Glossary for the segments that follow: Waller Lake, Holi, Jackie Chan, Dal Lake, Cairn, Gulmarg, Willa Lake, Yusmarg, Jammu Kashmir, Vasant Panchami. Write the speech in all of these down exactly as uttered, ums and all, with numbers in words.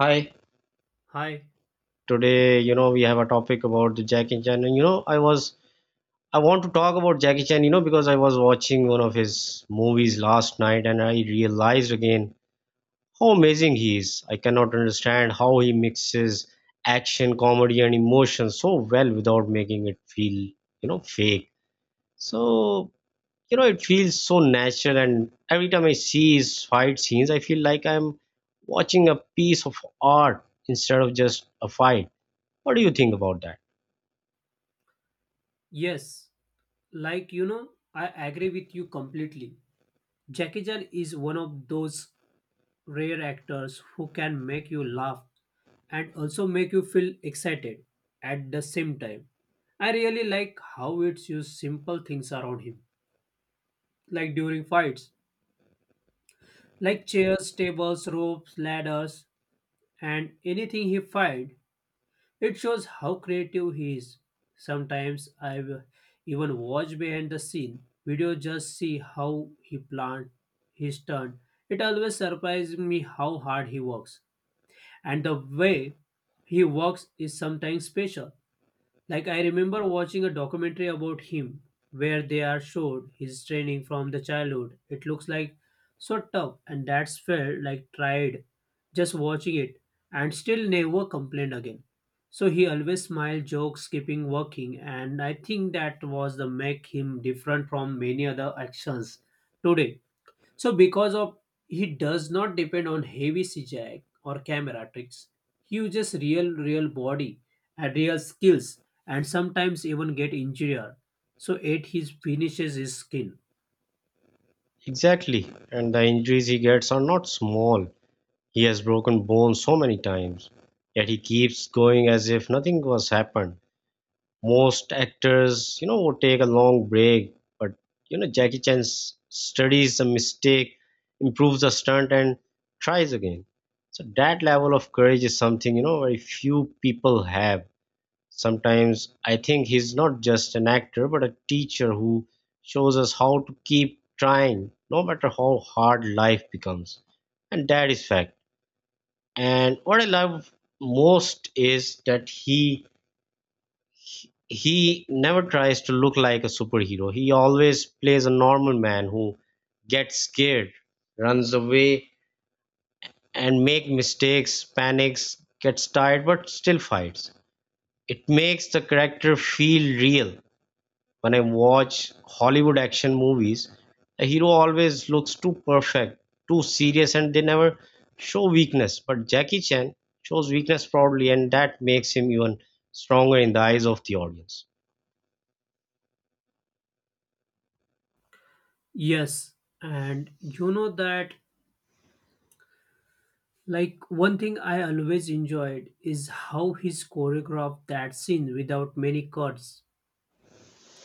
Hi, Hi. today, you know, we have a topic about the Jackie Chan. And, you know, I was, I want to talk about Jackie Chan, you know, because I was watching one of his movies last night and I realized again how amazing he is. I cannot understand how he mixes action, comedy, and emotion so well without making it feel, you know, fake. So, you know, it feels so natural. And every time I see his fight scenes, I feel like I'm watching a piece of art instead of just a fight. What do you think about that? Yes, like you know, I agree with you completely. Jackie Chan is one of those rare actors who can make you laugh and also make you feel excited at the same time. I really like how it's used simple things around him, like during fights, like chairs, tables, ropes, ladders, and anything he fight. It shows how creative he is. Sometimes I've even watched behind the scene video just see how he planned his turn. It always surprises me how hard he works. And the way he works is sometimes special. Like I remember watching a documentary about him where they are showed his training from the childhood. It looks like so tough and that's felt like tried just watching it and still never complained again. So he always smiled, jokes, keeping working, and I think that was the make him different from many other actions today so because of he does not depend on heavy C G I or camera tricks, he uses real real body and real skills and sometimes even get injured. So it his finishes his skin. Exactly. And the injuries he gets are not small. He has broken bones so many times. Yet he keeps going as if nothing was happened. Most actors, you know, would take a long break, but you know, Jackie Chan s- studies the mistake, improves the stunt and tries again. So that level of courage is something, you know, very few people have. Sometimes I think he's not just an actor, but a teacher who shows us how to keep trying, no matter how hard life becomes. And that is fact. And what I love most is that he he never tries to look like a superhero. He always plays a normal man who gets scared, runs away, and make mistakes, panics, gets tired, but still fights. It makes the character feel real. When I watch Hollywood action movies, the hero always looks too perfect, too serious, and they never show weakness. But Jackie Chan shows weakness proudly, and that makes him even stronger in the eyes of the audience. Yes, and you know that like one thing I always enjoyed is how he's choreographed that scene without many cuts.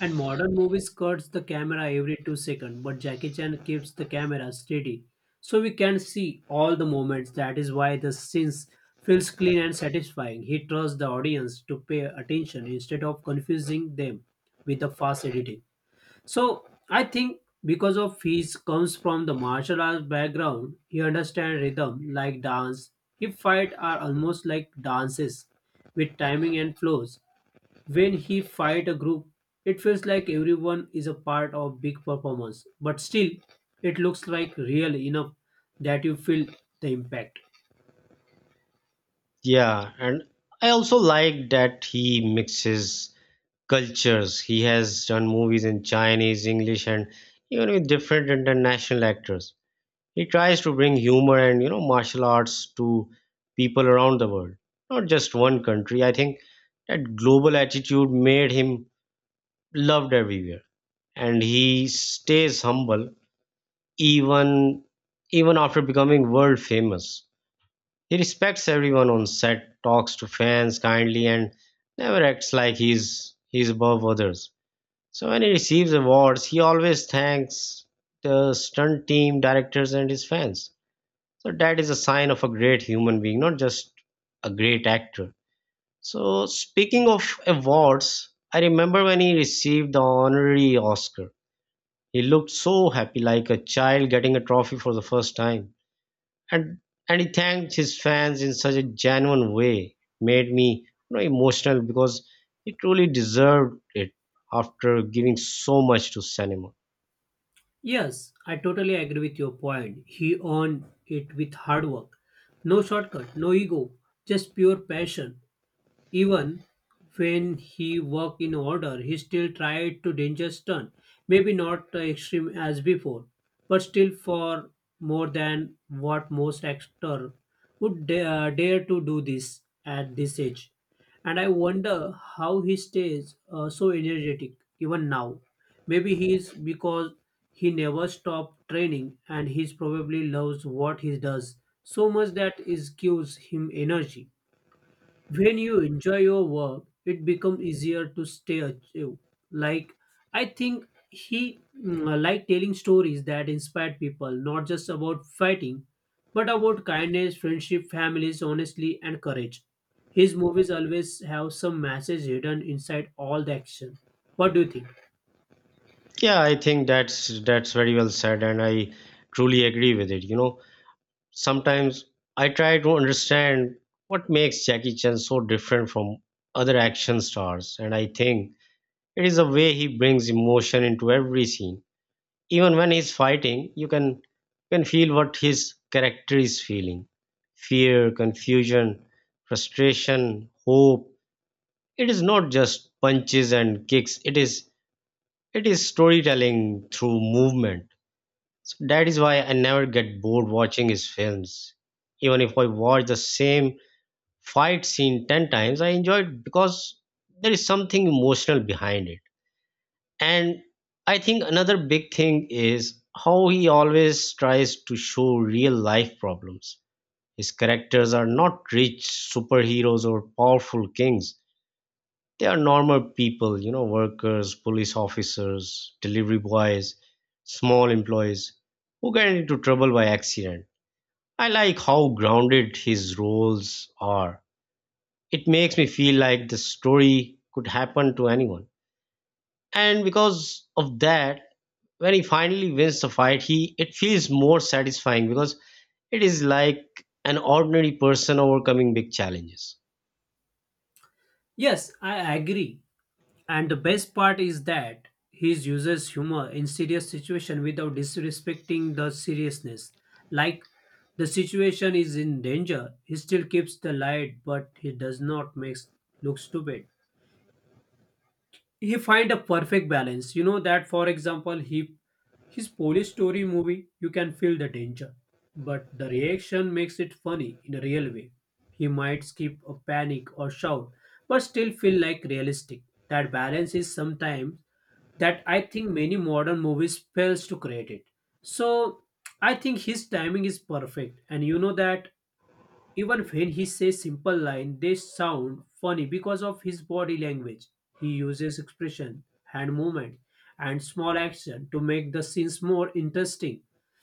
And modern movies cuts the camera every two seconds, but Jackie Chan keeps the camera steady. So we can see all the moments. That is why the scenes feels clean and satisfying. He trusts the audience to pay attention instead of confusing them with the fast editing. So I think because of his comes from the martial arts background, he understands rhythm like dance. His fight are almost like dances with timing and flows. When he fight a group, it feels like everyone is a part of big performance, but still it looks like real enough that you feel the impact. Yeah, and I also like that he mixes cultures. He has done movies in Chinese, English, and even with different international actors. He tries to bring humor and you know martial arts to people around the world, not just one country. I think that global attitude made him loved everywhere, and he stays humble even even after becoming world famous. He respects everyone on set, talks to fans kindly, and never acts like he's he's above others. So when he receives awards, he always thanks the stunt team, directors, and his fans. So that is a sign of a great human being, not just a great actor. So speaking of awards, I remember when he received the honorary Oscar. He looked so happy, like a child getting a trophy for the first time. And and he thanked his fans in such a genuine way. Made me, you know, emotional because he truly deserved it after giving so much to cinema. Yes, I totally agree with your point. He earned it with hard work. No shortcut, no ego, just pure passion. Even when he worked in order, he still tried to dangerous turn. Maybe not uh, extreme as before, but still for more than what most actor would da- uh, dare to do this at this age. And I wonder how he stays uh, so energetic even now. Maybe he is because he never stopped training and he probably loves what he does so much that it gives him energy. When you enjoy your work, it becomes easier to stay active. Like I think he mm, uh, like telling stories that inspired people, not just about fighting, but about kindness, friendship, families, honesty, and courage. His movies always have some message hidden inside all the action. What do you think? Yeah, I think that's that's very well said, and I truly agree with it. You know, sometimes I try to understand what makes Jackie Chan so different from other action stars, and I think it is the way he brings emotion into every scene. Even when he's fighting, you can can feel what his character is feeling. Fear, confusion, frustration, hope. It is not just punches and kicks, it is it is storytelling through movement. So that is why I never get bored watching his films. Even if I watch the same fight scene ten times, I enjoy it because there is something emotional behind it. And I think another big thing is how he always tries to show real life problems. His characters are not rich superheroes or powerful kings. They are normal people, you know, workers, police officers, delivery boys, small employees who get into trouble by accident. I like how grounded his roles are. It makes me feel like the story could happen to anyone. And because of that, when he finally wins the fight, he it feels more satisfying because it is like an ordinary person overcoming big challenges. Yes, I agree. And the best part is that he uses humor in serious situation without disrespecting the seriousness. Like the situation is in danger, he still keeps the light, but he does not make look stupid. He find a perfect balance, you know, that for example he his police story movie you can feel the danger, but the reaction makes it funny in a real way. He might skip a panic or shout but still feel like realistic. That balance is sometimes that I think many modern movies fails to create it. So I think his timing is perfect, and you know that even when he says simple line, they sound funny because of his body language. He uses expression, hand movement, and small action to make the scenes more interesting.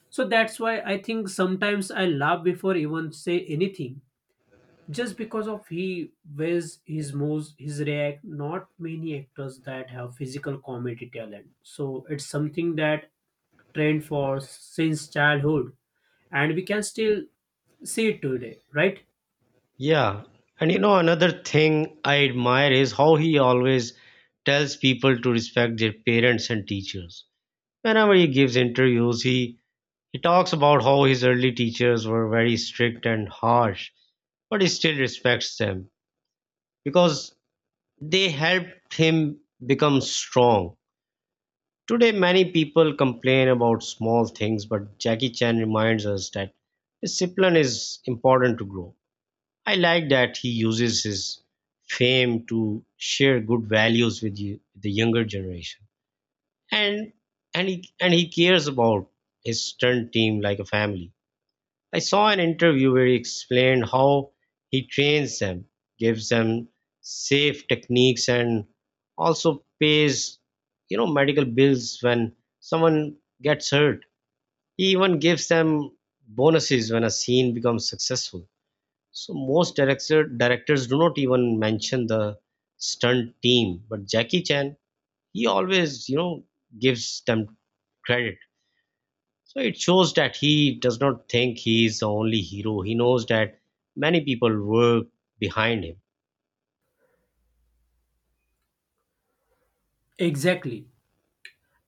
So that's why I think sometimes I laugh before even say anything. Just because of he ways his moves, his react, not many actors that have physical comedy talent. So it's something that trend for since childhood, and we can still see it today, right? Yeah. And you know another thing I admire is how he always tells people to respect their parents and teachers. Whenever he gives interviews, he he talks about how his early teachers were very strict and harsh, but he still respects them because they helped him become strong. Today, many people complain about small things, but Jackie Chan reminds us that discipline is important to grow. I like that he uses his fame to share good values with you, the younger generation, and and he and he cares about his stunt team like a family. I saw an interview where he explained how he trains them, gives them safe techniques, and also pays, you know, medical bills when someone gets hurt. He even gives them bonuses when a scene becomes successful. So most director, directors do not even mention the stunt team, but Jackie Chan, he always, you know, gives them credit. So it shows that he does not think he is the only hero. He knows that many people work behind him. Exactly.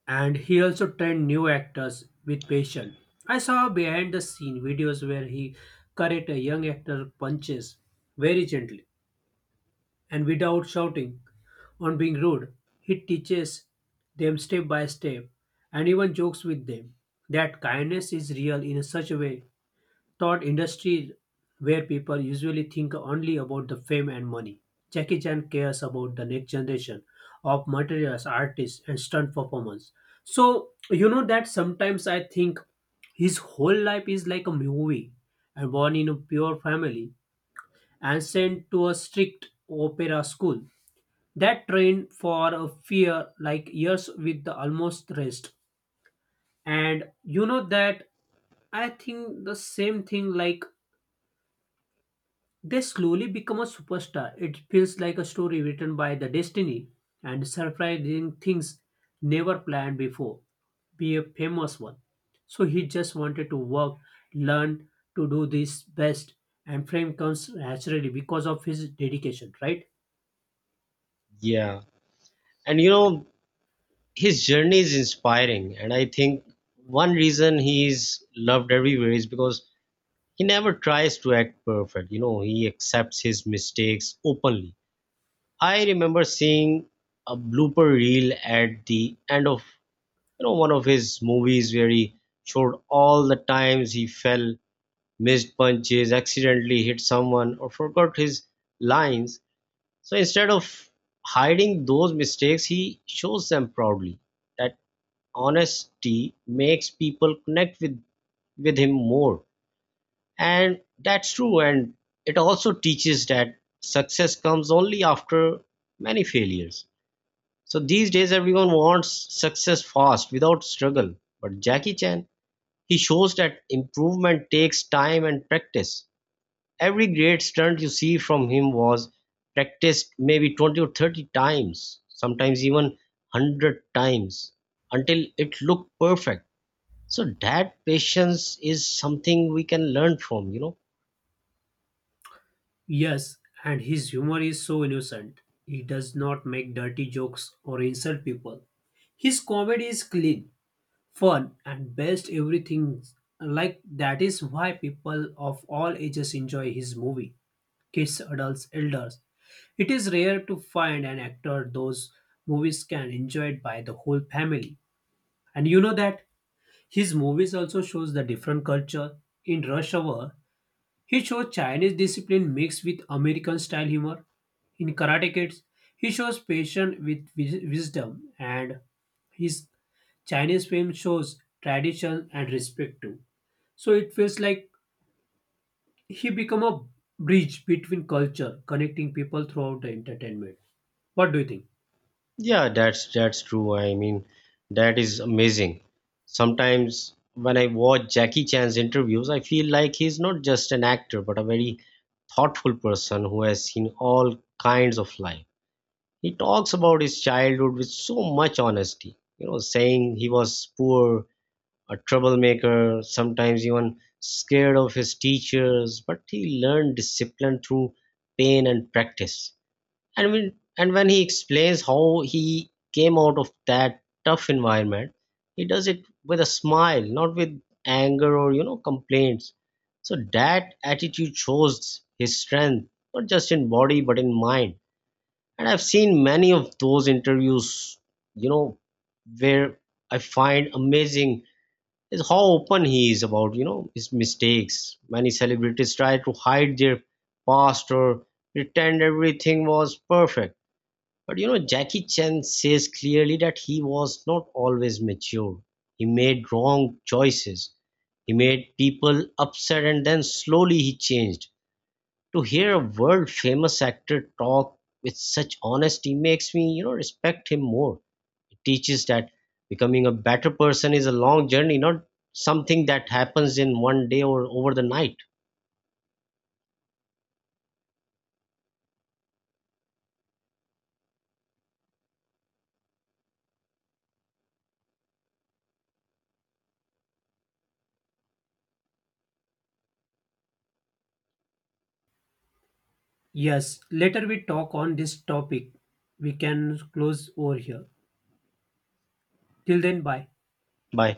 And he also trained new actors with patience. I saw behind the scene videos where he correct a young actor punches very gently and without shouting on being rude. He teaches them step by step and even jokes with them. That kindness is real in such a way taught industries where people usually think only about the fame and money. Jackie Chan cares about the next generation of materials, artists, and stunt performers. So, you know that sometimes I think his whole life is like a movie and born in a pure family and sent to a strict opera school that trained for a fear like years with the almost rest. And you know that I think the same thing like they slowly become a superstar. It feels like a story written by the destiny and surprising things never planned before. Be a famous one. So he just wanted to work, learn to do this best, and fame comes naturally because of his dedication, right? Yeah. And you know, his journey is inspiring. And I think one reason he is loved everywhere is because he never tries to act perfect. You know, he accepts his mistakes openly. I remember seeing a blooper reel at the end of, you know one of his movies where he showed all the times he fell, missed punches, accidentally hit someone, or forgot his lines. So instead of hiding those mistakes, he shows them proudly. That honesty makes people connect with, with him more. And that's true. And it also teaches that success comes only after many failures. So these days, everyone wants success fast without struggle. But Jackie Chan, he shows that improvement takes time and practice. Every great stunt you see from him was practiced maybe twenty or thirty times, sometimes even one hundred times until it looked perfect. So that patience is something we can learn from, you know. Yes, and his humor is so innocent. He does not make dirty jokes or insult people. His comedy is clean fun and best everything, like that is why people of all ages enjoy his movie, kids, adults, elders. It is rare to find an actor those movies can enjoy it by the whole family. And you know that his movies also shows the different culture. In Rush Hour he shows Chinese discipline mixed with American style humor. In Karate Kids he shows patience with wis- wisdom, and his Chinese film shows tradition and respect too. So it feels like he become a bridge between culture, connecting people throughout the entertainment. What do you think? Yeah, that's that's true. I mean, that is amazing. Sometimes when I watch Jackie Chan's interviews, I feel like he's not just an actor but a very thoughtful person who has seen all kinds of life. He talks about his childhood with so much honesty, you know, saying he was poor, a troublemaker, sometimes even scared of his teachers, but he learned discipline through pain and practice. And when, and when he explains how he came out of that tough environment, he does it with a smile, not with anger or, you know, complaints. So that attitude shows his strength, not just in body, but in mind. And I've seen many of those interviews, you know where I find amazing is how open he is about, you know his mistakes. Many celebrities try to hide their past or pretend everything was perfect, but you know Jackie Chan says clearly that he was not always mature. He made wrong choices, he made people upset, and then slowly he changed. To hear a world famous actor talk with such honesty makes me, you know respect him more. It teaches that becoming a better person is a long journey, not something that happens in one day or over the night. Yes, later we talk on this topic. We can close over here. Till then, bye. Bye.